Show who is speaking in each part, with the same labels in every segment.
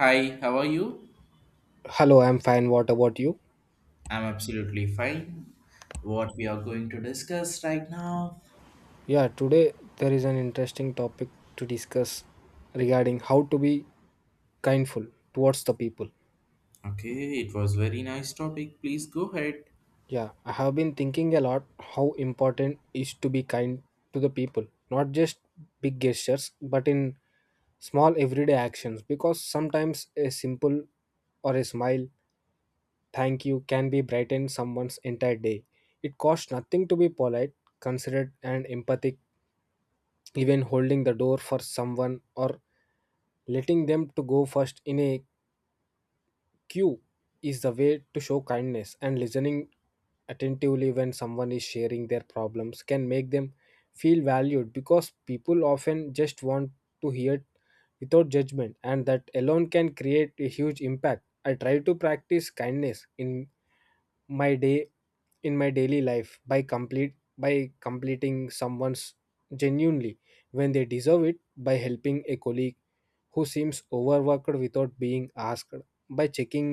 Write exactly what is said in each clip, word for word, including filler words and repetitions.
Speaker 1: Hi, how are you?
Speaker 2: Hello, I'm fine. What about you?
Speaker 1: I'm absolutely fine. What we are going to discuss right now?
Speaker 2: Yeah, today there is an interesting topic to discuss regarding how to be kindful towards the people.
Speaker 1: Okay, it was very nice topic. Please go ahead.
Speaker 2: Yeah, I have been thinking a lot how important is to be kind to the people, not just big gestures, but in small everyday actions because sometimes a simple or a smile thank you can be brighten someone's entire day. It costs nothing to be polite, considerate and empathic, even holding the door for someone or letting them to go first in a queue is the way to show kindness, and listening attentively when someone is sharing their problems can make them feel valued because people often just want to hear without judgment, and that alone can create a huge impact. I try to practice kindness in my day in my daily life by complete by completing someone's genuinely when they deserve it, by helping a colleague who seems overworked without being asked, by checking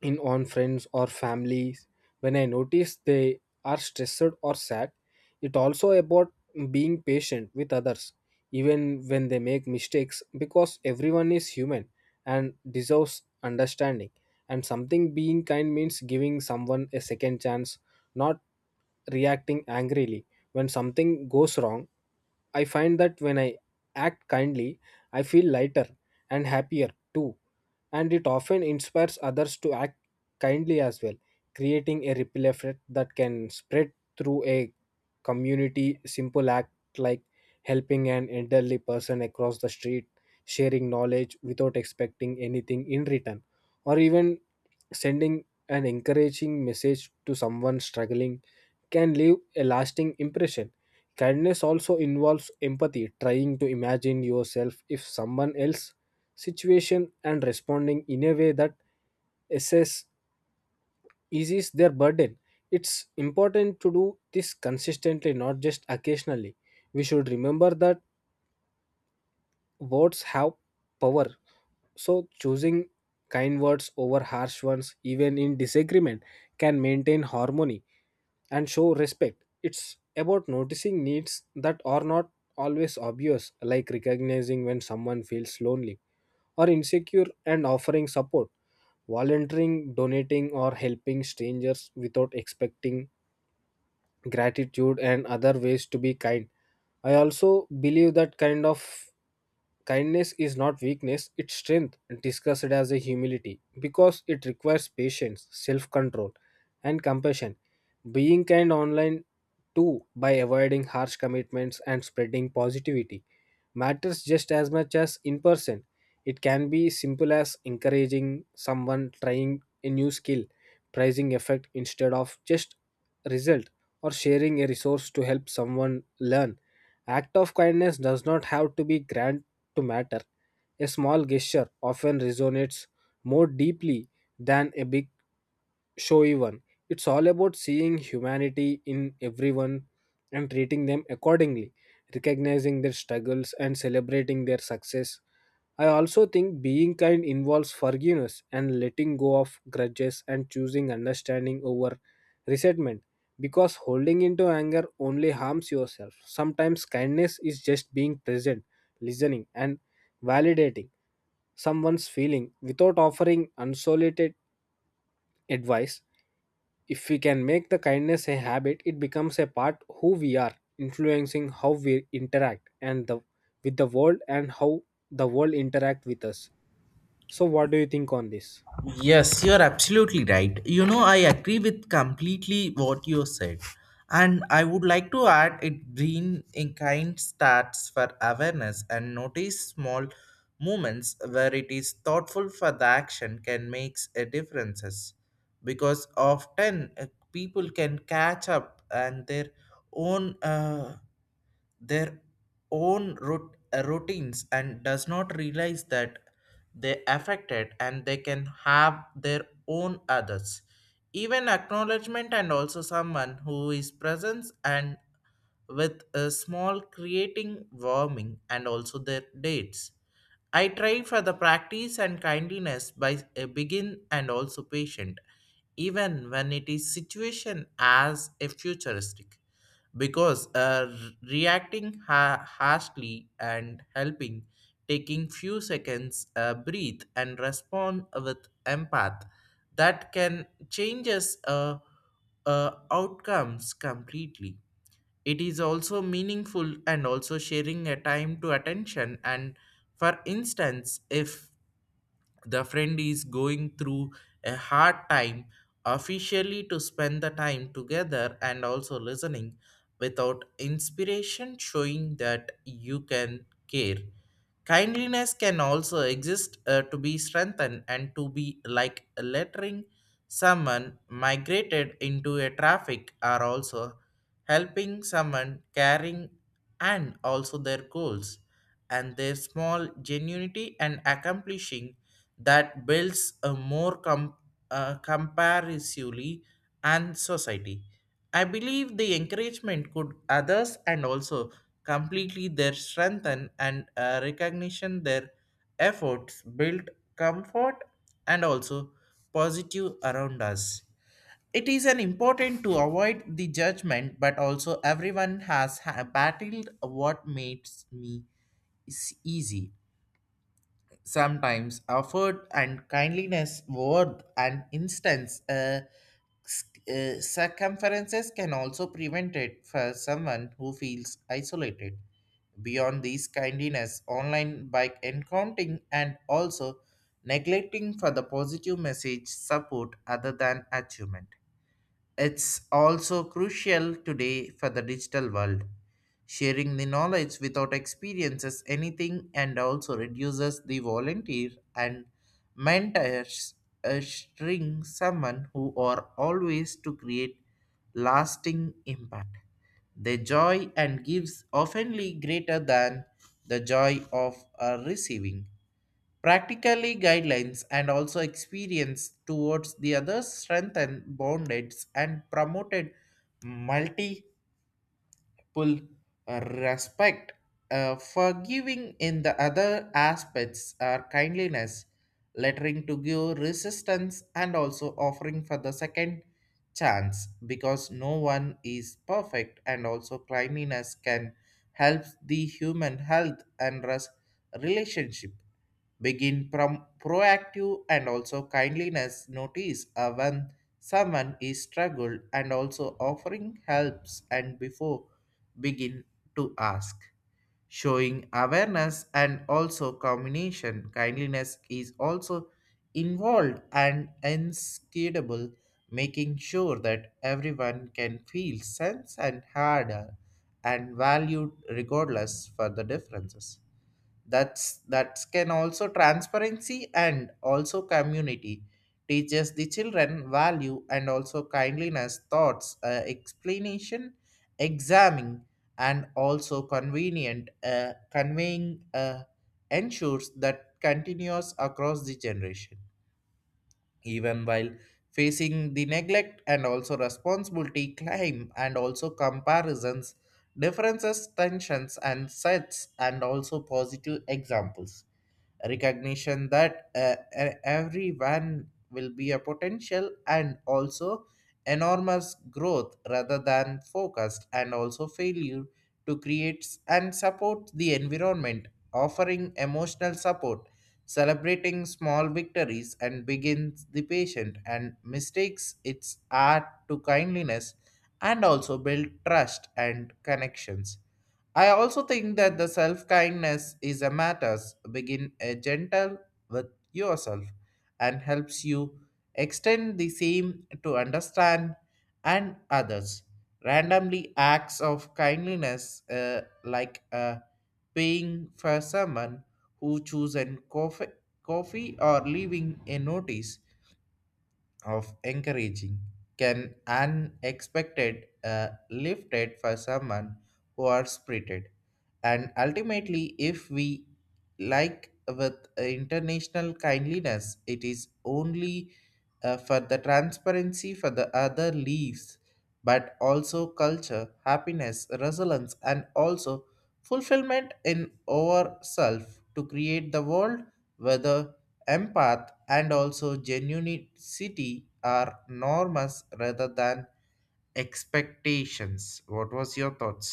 Speaker 2: in on friends or families when I notice they are stressed or sad. It also about being patient with others even when they make mistakes because everyone is human and deserves understanding, and something being kind means giving someone a second chance, not reacting angrily when something goes wrong. I find that when I act kindly, I feel lighter and happier too, and it often inspires others to act kindly as well, creating a ripple effect that can spread through a community. Simple act like helping an elderly person across the street, sharing knowledge without expecting anything in return, or even sending an encouraging message to someone struggling can leave a lasting impression. Kindness also involves empathy, trying to imagine yourself if someone else's situation and responding in a way that assess eases their burden. It's important to do this consistently, not just occasionally. We should remember that words have power. So, choosing kind words over harsh ones, even in disagreement, can maintain harmony and show respect. It's about noticing needs that are not always obvious, like recognizing when someone feels lonely or insecure and offering support, volunteering, donating, or helping strangers without expecting gratitude, and other ways to be kind. I also believe that kind of kindness is not weakness, it's strength, discussed as a humility, because it requires patience, self control, and compassion. Being kind online too by avoiding harsh commitments and spreading positivity matters just as much as in person. It can be simple as encouraging someone trying a new skill, praising effect instead of just result, or sharing a resource to help someone learn. Act of kindness does not have to be grand to matter. A small gesture often resonates more deeply than a big showy one. It's all about seeing humanity in everyone and treating them accordingly, recognizing their struggles and celebrating their success. I also think being kind involves forgiveness and letting go of grudges and choosing understanding over resentment because holding into anger only harms yourself. Sometimes kindness is just being present, listening, and validating someone's feeling without offering unsolicited advice. If we can make the kindness a habit, it becomes a part who we are, influencing how we interact and the with the world and how the world interact with us. So, what do you think on this?
Speaker 1: Yes, you're absolutely right. You know, I agree with completely what you said. And I would like to add it green in kind starts for awareness and notice small moments where it is thoughtful for the action can make a differences. Because often uh, people can catch up and their own uh, their own rut- uh, routines and does not realize that they affected and they can have their own others even acknowledgement, and also someone who is presence and with a small creating warming and also their dates. I try for the practice and kindliness by a begin and also patient even when it is situation as a futuristic, because uh, reacting ha- harshly and helping taking few seconds uh, breathe and respond with empath that can changes uh, uh, outcomes completely. It is also meaningful and also sharing a time to attention, and for instance if the friend is going through a hard time officially to spend the time together and also listening without inspiration showing that you can care. Kindliness can also exist uh, to be strengthened and to be like lettering someone migrated into a traffic, are also helping someone caring and also their goals and their small genuinity and accomplishing that builds a more com- uh, comparatively and society. I believe the encouragement could others and also completely their strength and, and uh, recognition their efforts build comfort and also positive around us. It is an important to avoid the judgment, but also everyone has ha- battled what makes me is easy. Sometimes effort and kindliness, worth and instance, uh, sc- uh, circumferences can also prevent it for someone who feels isolated. Beyond these kindliness, online by encountering and also neglecting for the positive message support other than achievement. It's also crucial today for the digital world. Sharing the knowledge without experiences anything and also reduces the volunteer and mentors uh, string someone who are always to create lasting impact. The joy and gives oftenly greater than the joy of uh, receiving. Practically guidelines and also experience towards the others strengthen boundaries and promoted multiple uh, respect. Uh, Forgiving in the other aspects are kindliness lettering to give resistance and also offering for the second chance, because no one is perfect and also kindliness can help the human health and res- relationship. Begin from proactive and also kindliness. Notice uh, when someone is struggled and also offering helps, and before begin to ask showing awareness and also combination kindliness is also involved and inscrutable, making sure that everyone can feel sense and harder and valued regardless for the differences. That's that can also transparency and also community teaches the children value and also kindliness thoughts uh, explanation examining and also convenient uh, conveying uh, ensures that continues across the generation, even while facing the neglect and also responsibility claim and also comparisons differences tensions and sets and also positive examples recognition that uh, e- everyone will be a potential and also enormous growth rather than focused and also failure to create and support the environment, offering emotional support, celebrating small victories and begins the patient and mistakes its art to kindliness, and also build trust and connections. I also think that the self kindness is a matters. Begin a gentle with yourself and helps you extend the same to understand and others. Randomly acts of kindness uh, like uh, paying for someone who chooses coffee, coffee or leaving a notice of encouraging can unexpected uh, lifted for someone who are spirited. And ultimately if we like with international kindliness it is only uh, for the transparency for the other leaves, but also culture happiness resilience and also fulfillment in ourself to create the world whether empath and also genuinity are norms rather than expectations. What was your thoughts?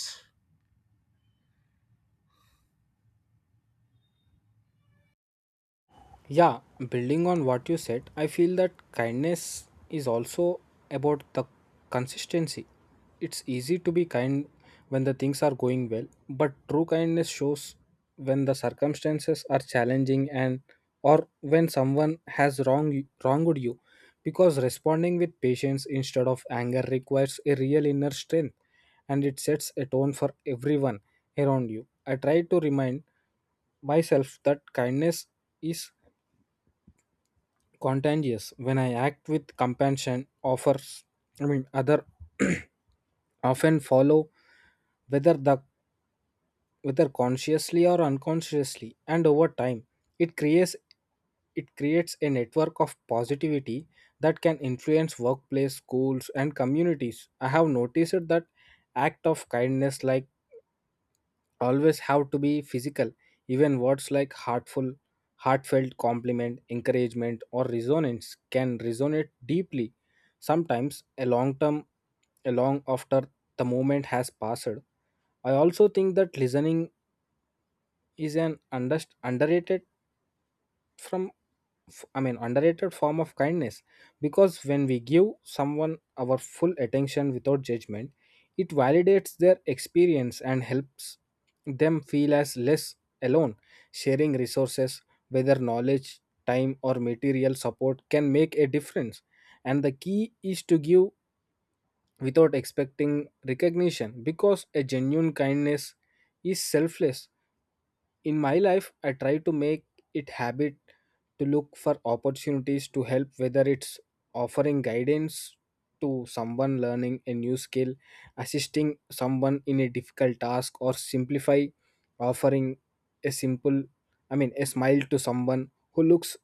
Speaker 2: Yeah, building on what you said, I feel that kindness is also about the consistency. It's easy to be kind when the things are going well, but true kindness shows when the circumstances are challenging and or when someone has wrong wronged you because responding with patience instead of anger requires a real inner strength and it sets a tone for everyone around you. I try to remind myself that kindness is contagious. When I act with compassion, offers I mean other often follow, whether the whether consciously or unconsciously, and over time it creates it creates a network of positivity that can influence workplace schools and communities. I have noticed that act of kindness like always have to be physical. Even words like heartful heartfelt compliment encouragement or resonance can resonate deeply, sometimes a long term a long after the moment has passed. I also think that listening is an under, underrated from f- I mean underrated form of kindness because when we give someone our full attention without judgment, it validates their experience and helps them feel as less alone. Sharing resources, whether knowledge, time or material support, can make a difference, and the key is to give without expecting recognition because a genuine kindness is selfless. In my life I try to make it habit to look for opportunities to help, whether it's offering guidance to someone learning a new skill, assisting someone in a difficult task, or simplify offering a simple I mean a smile to someone who looks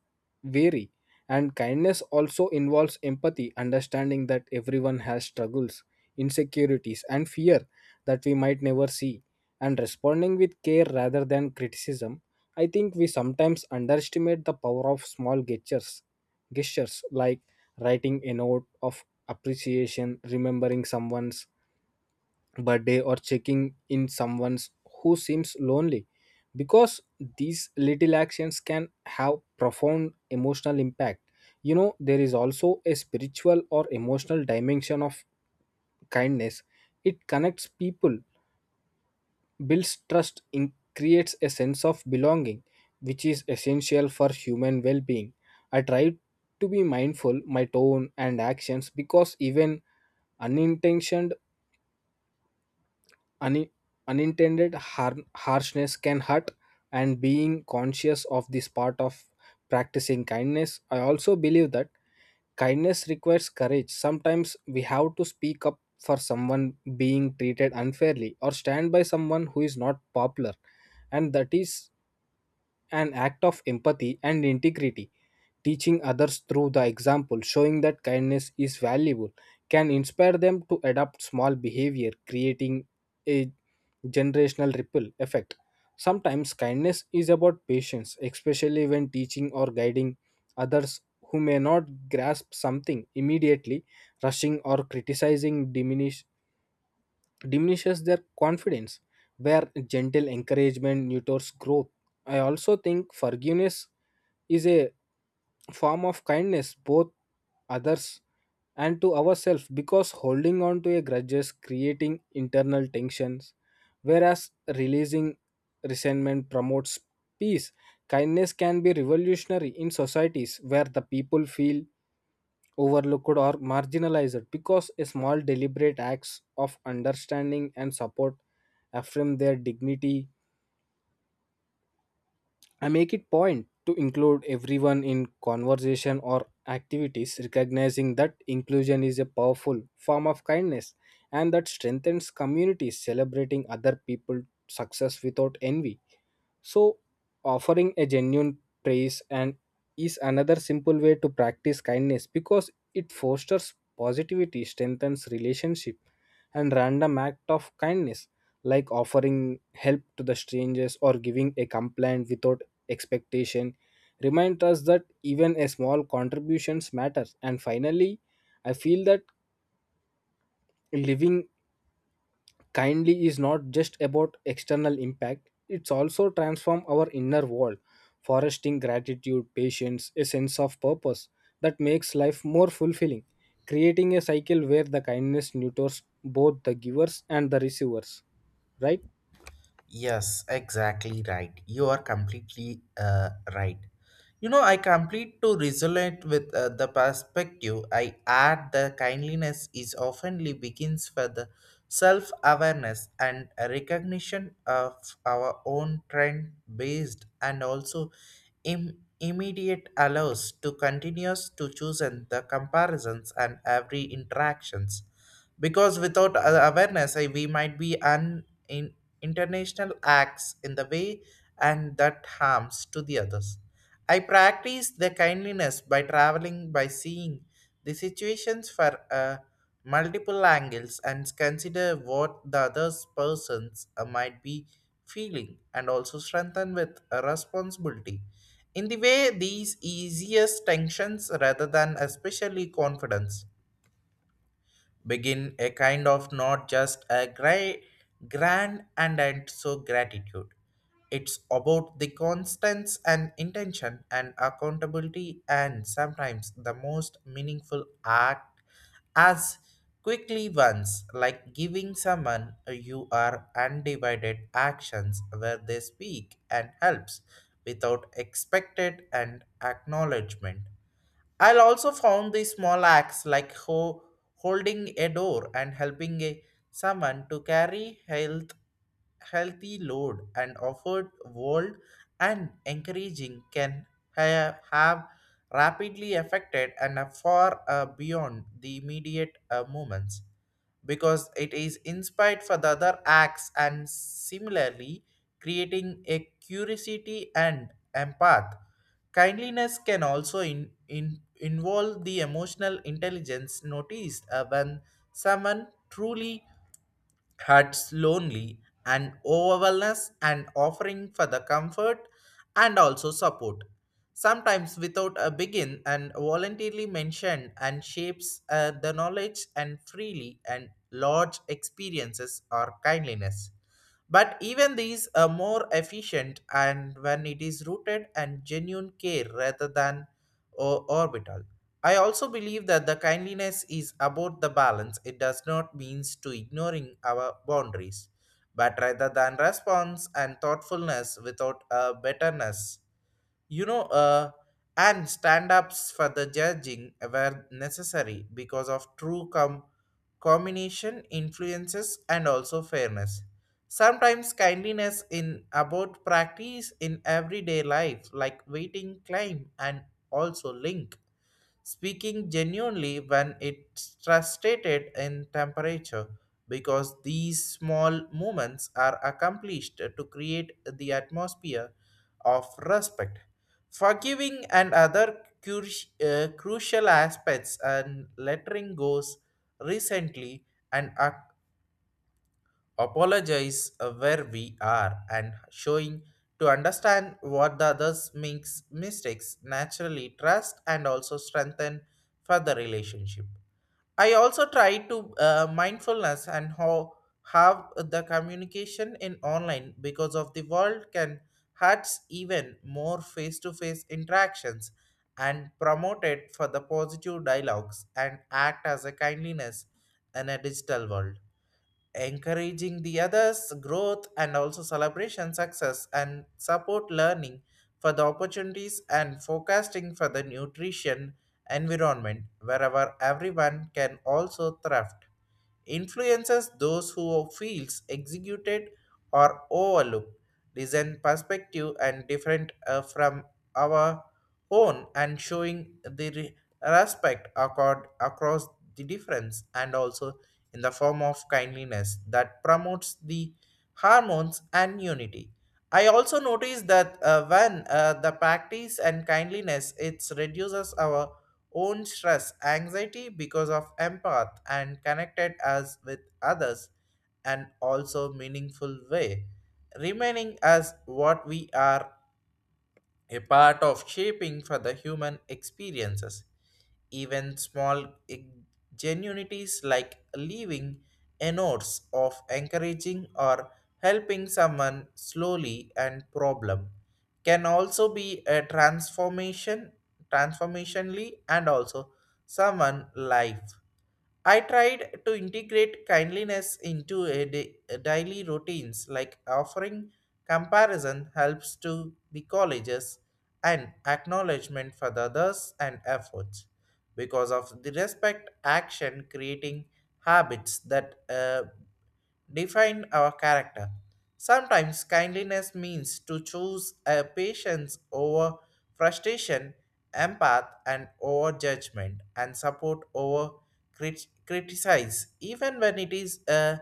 Speaker 2: weary. And kindness also involves empathy, understanding that everyone has struggles, insecurities and fear that we might never see, and responding with care rather than criticism. I think we sometimes underestimate the power of small gestures, gestures like writing a note of appreciation, remembering someone's birthday, or checking in someone's who seems lonely. Because these little actions can have profound emotional impact. You know, there is also a spiritual or emotional dimension of kindness. It connects people, builds trust, in, creates a sense of belonging, which is essential for human well being. I try to be mindful my tone and actions because even unintentioned un, unintended har- harshness can hurt, and being conscious of this part of practicing kindness. I also believe that kindness requires courage. Sometimes we have to speak up for someone being treated unfairly or stand by someone who is not popular, and that is an act of empathy and integrity. Teaching others through the example, showing that kindness is valuable, can inspire them to adopt small behavior, creating a generational ripple effect. Sometimes kindness is about patience, especially when teaching or guiding others who may not grasp something immediately. Rushing or criticizing diminish diminishes their confidence where gentle encouragement nurtures growth. I also think forgiveness is a form of kindness, both others and to ourselves, because holding on to a grudges creating internal tensions, whereas releasing resentment promotes peace. Kindness can be revolutionary in societies where the people feel overlooked or marginalized because a small deliberate acts of understanding and support affirm their dignity. I make it point to include everyone in conversation or activities, recognizing that inclusion is a powerful form of kindness and that strengthens communities, celebrating other people's success without envy. So, offering a genuine praise and is another simple way to practice kindness because it fosters positivity, strengthens relationship, and random act of kindness like offering help to the strangers or giving a complaint without expectation remind us that even a small contributions matters. And finally, I feel that living kindly is not just about external impact, it's also transform our inner world, fostering gratitude, patience, a sense of purpose that makes life more fulfilling, creating a cycle where the kindness nurtures both the givers and the receivers, right?
Speaker 1: Yes, exactly right. You are completely uh, right. You know, I complete to resonate with uh, the perspective. I add the kindliness is oftenly begins for the self-awareness and a recognition of our own trend based and also Im- immediate allows to continuous to choose and the comparisons and every interactions, because without a- awareness I, we might be un- in international acts in the way and that harms to the others. I practice the kindliness by traveling by seeing the situations for uh, multiple angles and consider what the other persons uh, might be feeling and also strengthen with a responsibility. In the way these easiest tensions rather than especially confidence begin a kind of not just a gra- grand and, and so gratitude. It's about the constance and intention and accountability, and sometimes the most meaningful act as quickly ones like giving someone you are undivided actions where they speak and helps without expected and acknowledgement. I'll also found the small acts like ho- holding a door and helping a, someone to carry health healthy load and offered world and encouraging can ha- have rapidly affected and far uh, beyond the immediate uh, moments, because it is inspired for the other acts and similarly creating a curiosity and empath. Kindliness can also in, in, involve the emotional intelligence noticed uh, when someone truly huts lonely and overwhelmness and offering for the comfort and also support, sometimes without a begin and voluntarily mentioned and shapes uh, the knowledge and freely and large experiences or kindliness, but even these are more efficient and when it is rooted and genuine care rather than o- orbital. I also believe that the kindliness is about the balance. It does not means to ignoring our boundaries, but rather than response and thoughtfulness without a betterness, you know uh, and stand-ups for the judging were necessary because of true com- combination influences and also fairness. Sometimes kindliness in about practice in everyday life like waiting climb, and also link speaking genuinely when it's frustrated in temperature, because these small movements are accomplished to create the atmosphere of respect. Forgiving and other cru- uh, crucial aspects and lettering goes recently and ac- apologize uh, where we are and showing to understand what the others makes mistakes naturally trust and also strengthen further relationship. I also try to uh, mindfulness and how have the communication in online, because of the world can hurts even more face-to-face interactions and promote it for the positive dialogues and act as a kindliness in a digital world, encouraging the others growth and also celebration success and support learning for the opportunities and forecasting for the nutrition environment wherever everyone can also thrive influences those who feels executed or overlooked design perspective and different uh, from our own and showing the re- respect accord across the difference, and also in the form of kindliness that promotes the hormones and unity. I also noticed that uh, when uh, the practice and kindliness, it reduces our own stress, anxiety, because of empath and connected us with others and also meaningful way, remaining as what we are a part of shaping for the human experiences. Even small genuinities like leaving a notes of encouraging or helping someone slowly and problem can also be a transformation transformationally and also someone life. I tried to integrate kindliness into a da- daily routines, like offering comparison helps to the colleges and acknowledgement for the others and efforts. Because of the respect action creating habits that uh, define our character. Sometimes kindliness means to choose a patience over frustration, empath and over judgment, and support over crit- criticize, even when it is a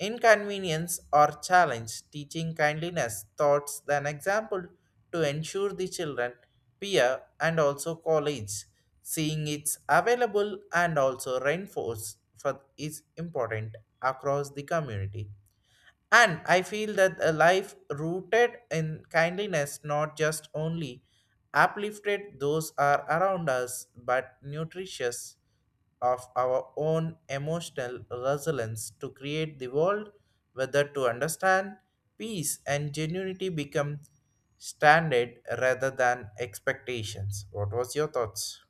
Speaker 1: inconvenience or challenge, teaching kindliness thoughts than example to ensure the children, peer, and also college seeing it's available and also reinforced for is important across the community. And I feel that a life rooted in kindliness, not just only uplifted those are around us, but nutritious of our own emotional resilience to create the world, whether to understand peace and genuinity become standard rather than expectations. What was your thoughts?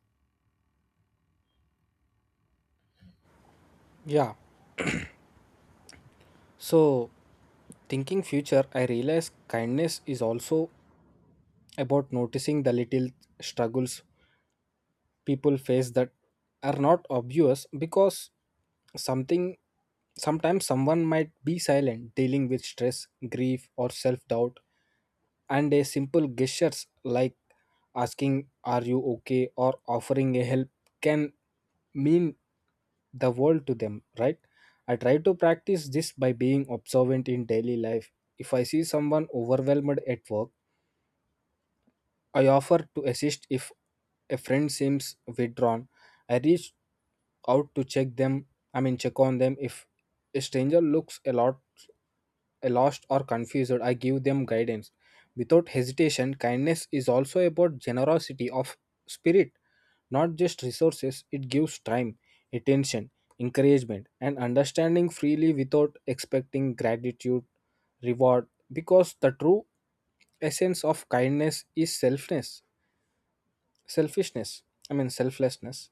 Speaker 2: yeah so, thinking future, I realize kindness is also about noticing the little struggles people face that are not obvious, because something sometimes someone might be silent dealing with stress, grief or self-doubt, and a simple gestures like asking are you okay or offering a help can mean the world to them, right? I try to practice this by being observant in daily life. If I see someone overwhelmed at work, I offer to assist. If a friend seems withdrawn, I reach out to check them, I mean check on them. If a stranger looks a lot a lost or confused, I give them guidance without hesitation. Kindness is also about generosity of spirit, not just resources. It gives time, attention, encouragement, and understanding freely without expecting gratitude, reward, because the true essence of kindness is selfness selfishness I mean selflessness.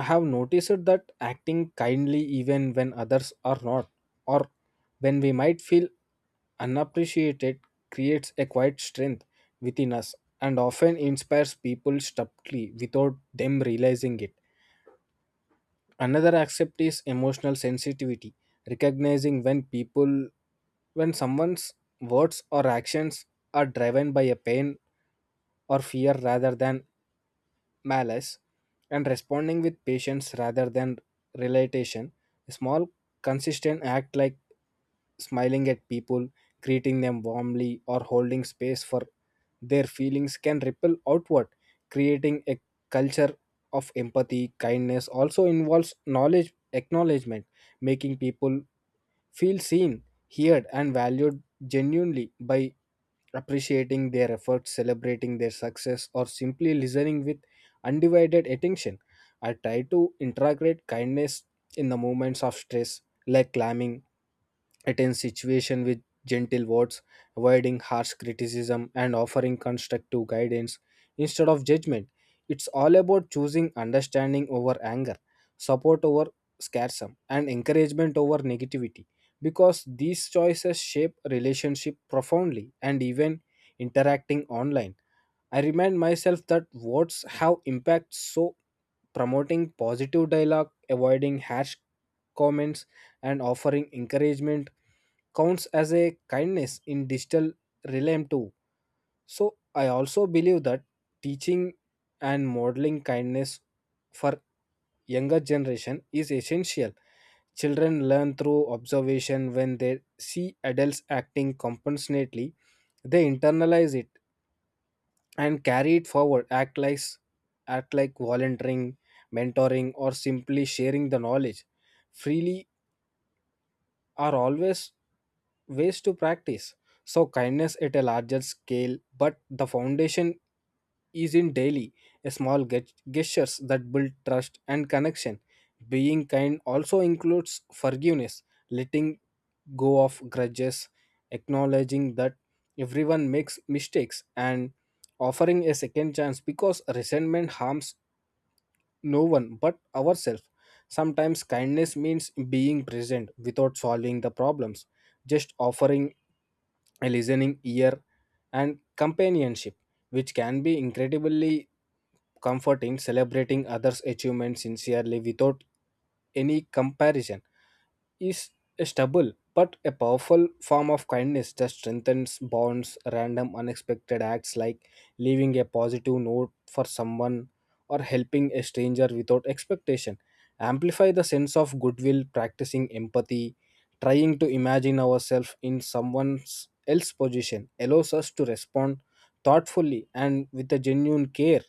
Speaker 2: I have noticed that acting kindly even when others are not, or when we might feel unappreciated, creates a quiet strength within us and often inspires people subtly without them realizing it. Another aspect is emotional sensitivity, recognizing when people when someone's words or actions are driven by a pain or fear rather than malice, and responding with patience rather than relentation. A small, consistent act like smiling at people, greeting them warmly, or holding space for their feelings can ripple outward, creating a culture of empathy. Kindness also involves knowledge acknowledgement, making people feel seen, heard, and valued genuinely by appreciating their efforts, celebrating their success, or simply listening with undivided attention. I try to integrate kindness in the moments of stress, like climbing a tense situation with gentle words, avoiding harsh criticism, and offering constructive guidance instead of judgment. It's all about choosing understanding over anger, support over scarcity, and encouragement over negativity because these choices shape relationship profoundly. And even interacting online, I remind myself that words have impact, so promoting positive dialogue, avoiding harsh comments, and offering encouragement counts as a kindness in digital realm too. So I also believe that teaching and modeling kindness for younger generation is essential. Children learn through observation. When they see adults acting compassionately, they internalize it and carry it forward. Act like act like volunteering, mentoring or simply sharing the knowledge freely are always ways to practice so kindness at a larger scale, but the foundation is in daily small ge- gestures that build trust and connection. Being kind also includes forgiveness, letting go of grudges, acknowledging that everyone makes mistakes and offering a second chance because resentment harms no one but ourselves. Sometimes kindness means being present without solving the problems, just offering a listening ear and companionship, which can be incredibly comforting. Celebrating others' achievements sincerely without any comparison is a stubble but a powerful form of kindness that strengthens bonds. Random unexpected acts like leaving a positive note for someone or helping a stranger without expectation amplify the sense of goodwill. Practicing empathy, trying to imagine ourselves in someone else's position, allows us to respond thoughtfully and with a genuine care.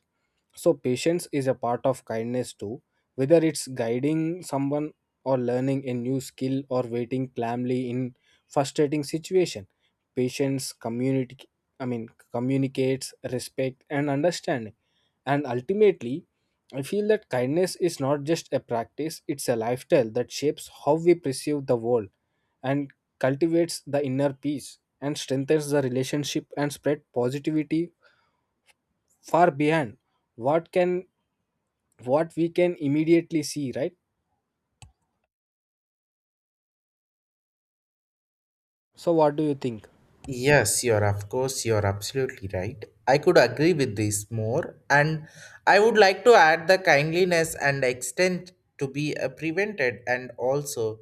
Speaker 2: So, patience is a part of kindness too, whether it's guiding someone or learning a new skill or waiting calmly in frustrating situation. Patience communicate I mean communicates respect and understanding. And ultimately, I feel that kindness is not just a practice, it's a lifestyle that shapes how we perceive the world and cultivates the inner peace and strengthens the relationship and spread positivity far beyond what can what we can immediately see, right? So what do you think?
Speaker 1: Yes, you're of course, you're absolutely right. I could agree with this more, and I would like to add the kindliness and extent to be uh, prevented and also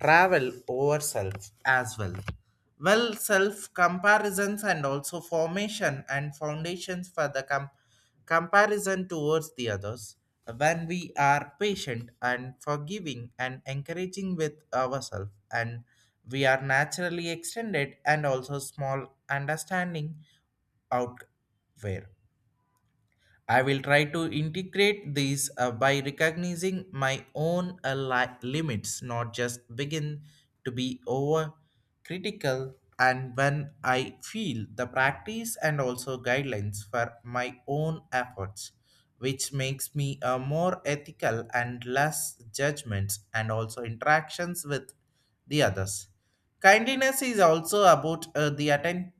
Speaker 1: travel over self as well. Well, self comparisons and also formation and foundations for the comp comparison towards the others when we are patient and forgiving and encouraging with ourselves, and we are naturally extended and also small understanding out there. I will try to integrate these uh, by recognizing my own uh, li- limits, not just begin to be over critical. And when I feel the practice and also guidelines for my own efforts, which makes me a more ethical and less judgments and also interactions with the others. Kindliness is also about uh, the atten-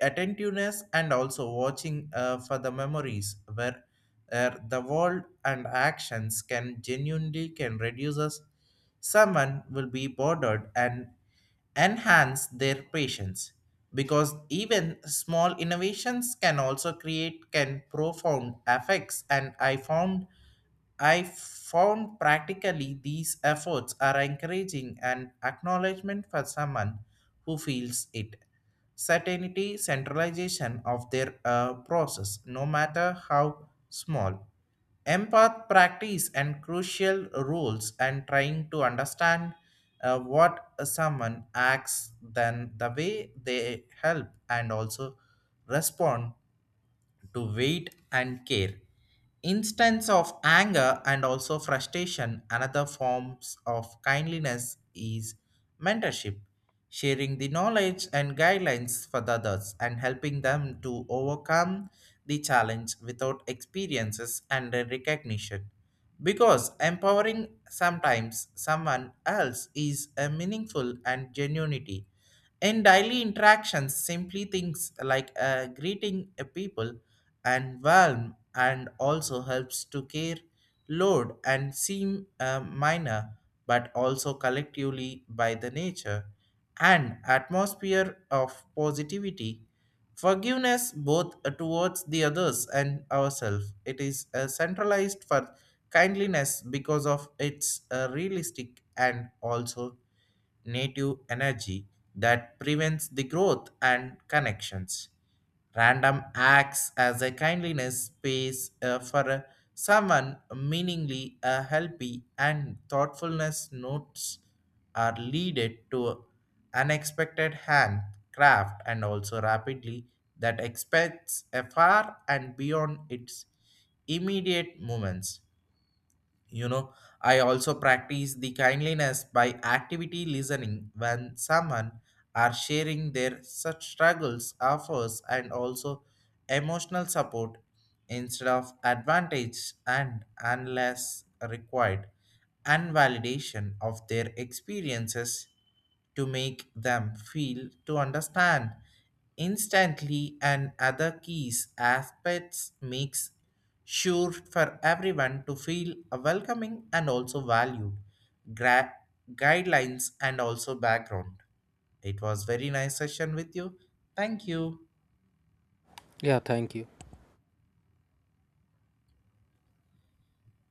Speaker 1: attentiveness and also watching uh, for the memories where uh, the world and actions can genuinely can reduce us. Someone will be bothered and enhance their patience, because even small innovations can also create can profound effects. And i found I found practically these efforts are encouraging and acknowledgement for someone who feels it. Certainty, centralization of their uh, process, no matter how small. Empath practice and crucial rules and trying to understand uh, what someone acts, then the way they help and also respond to weight and care. Instance of anger and also frustration, another forms of kindliness is mentorship, sharing the knowledge and guidelines for the others and helping them to overcome the challenge without experiences and recognition. Because empowering sometimes someone else is a meaningful and genuinity. In daily interactions, simply things like uh, greeting a people and warm and also helps to care load and seem uh, minor, but also collectively by the nature and atmosphere of positivity. Forgiveness both towards the others and ourselves, it is uh, centralized for kindliness because of its uh, realistic and also native energy that prevents the growth and connections. Random acts as a kindliness space uh, for uh, someone meaningly uh, healthy and thoughtfulness notes are leaded to unexpected handcraft and also rapidly that expects a far and beyond its immediate moments. You know, I also practice the kindliness by activity listening when someone are sharing their such struggles, offers, and also emotional support instead of advantage and unless required and validation of their experiences to make them feel to understand instantly, and other keys aspects makes sure for everyone to feel welcoming and also valued. Gra- Guidelines and also background, it was very nice session with you. Thank you.
Speaker 2: Yeah, thank you.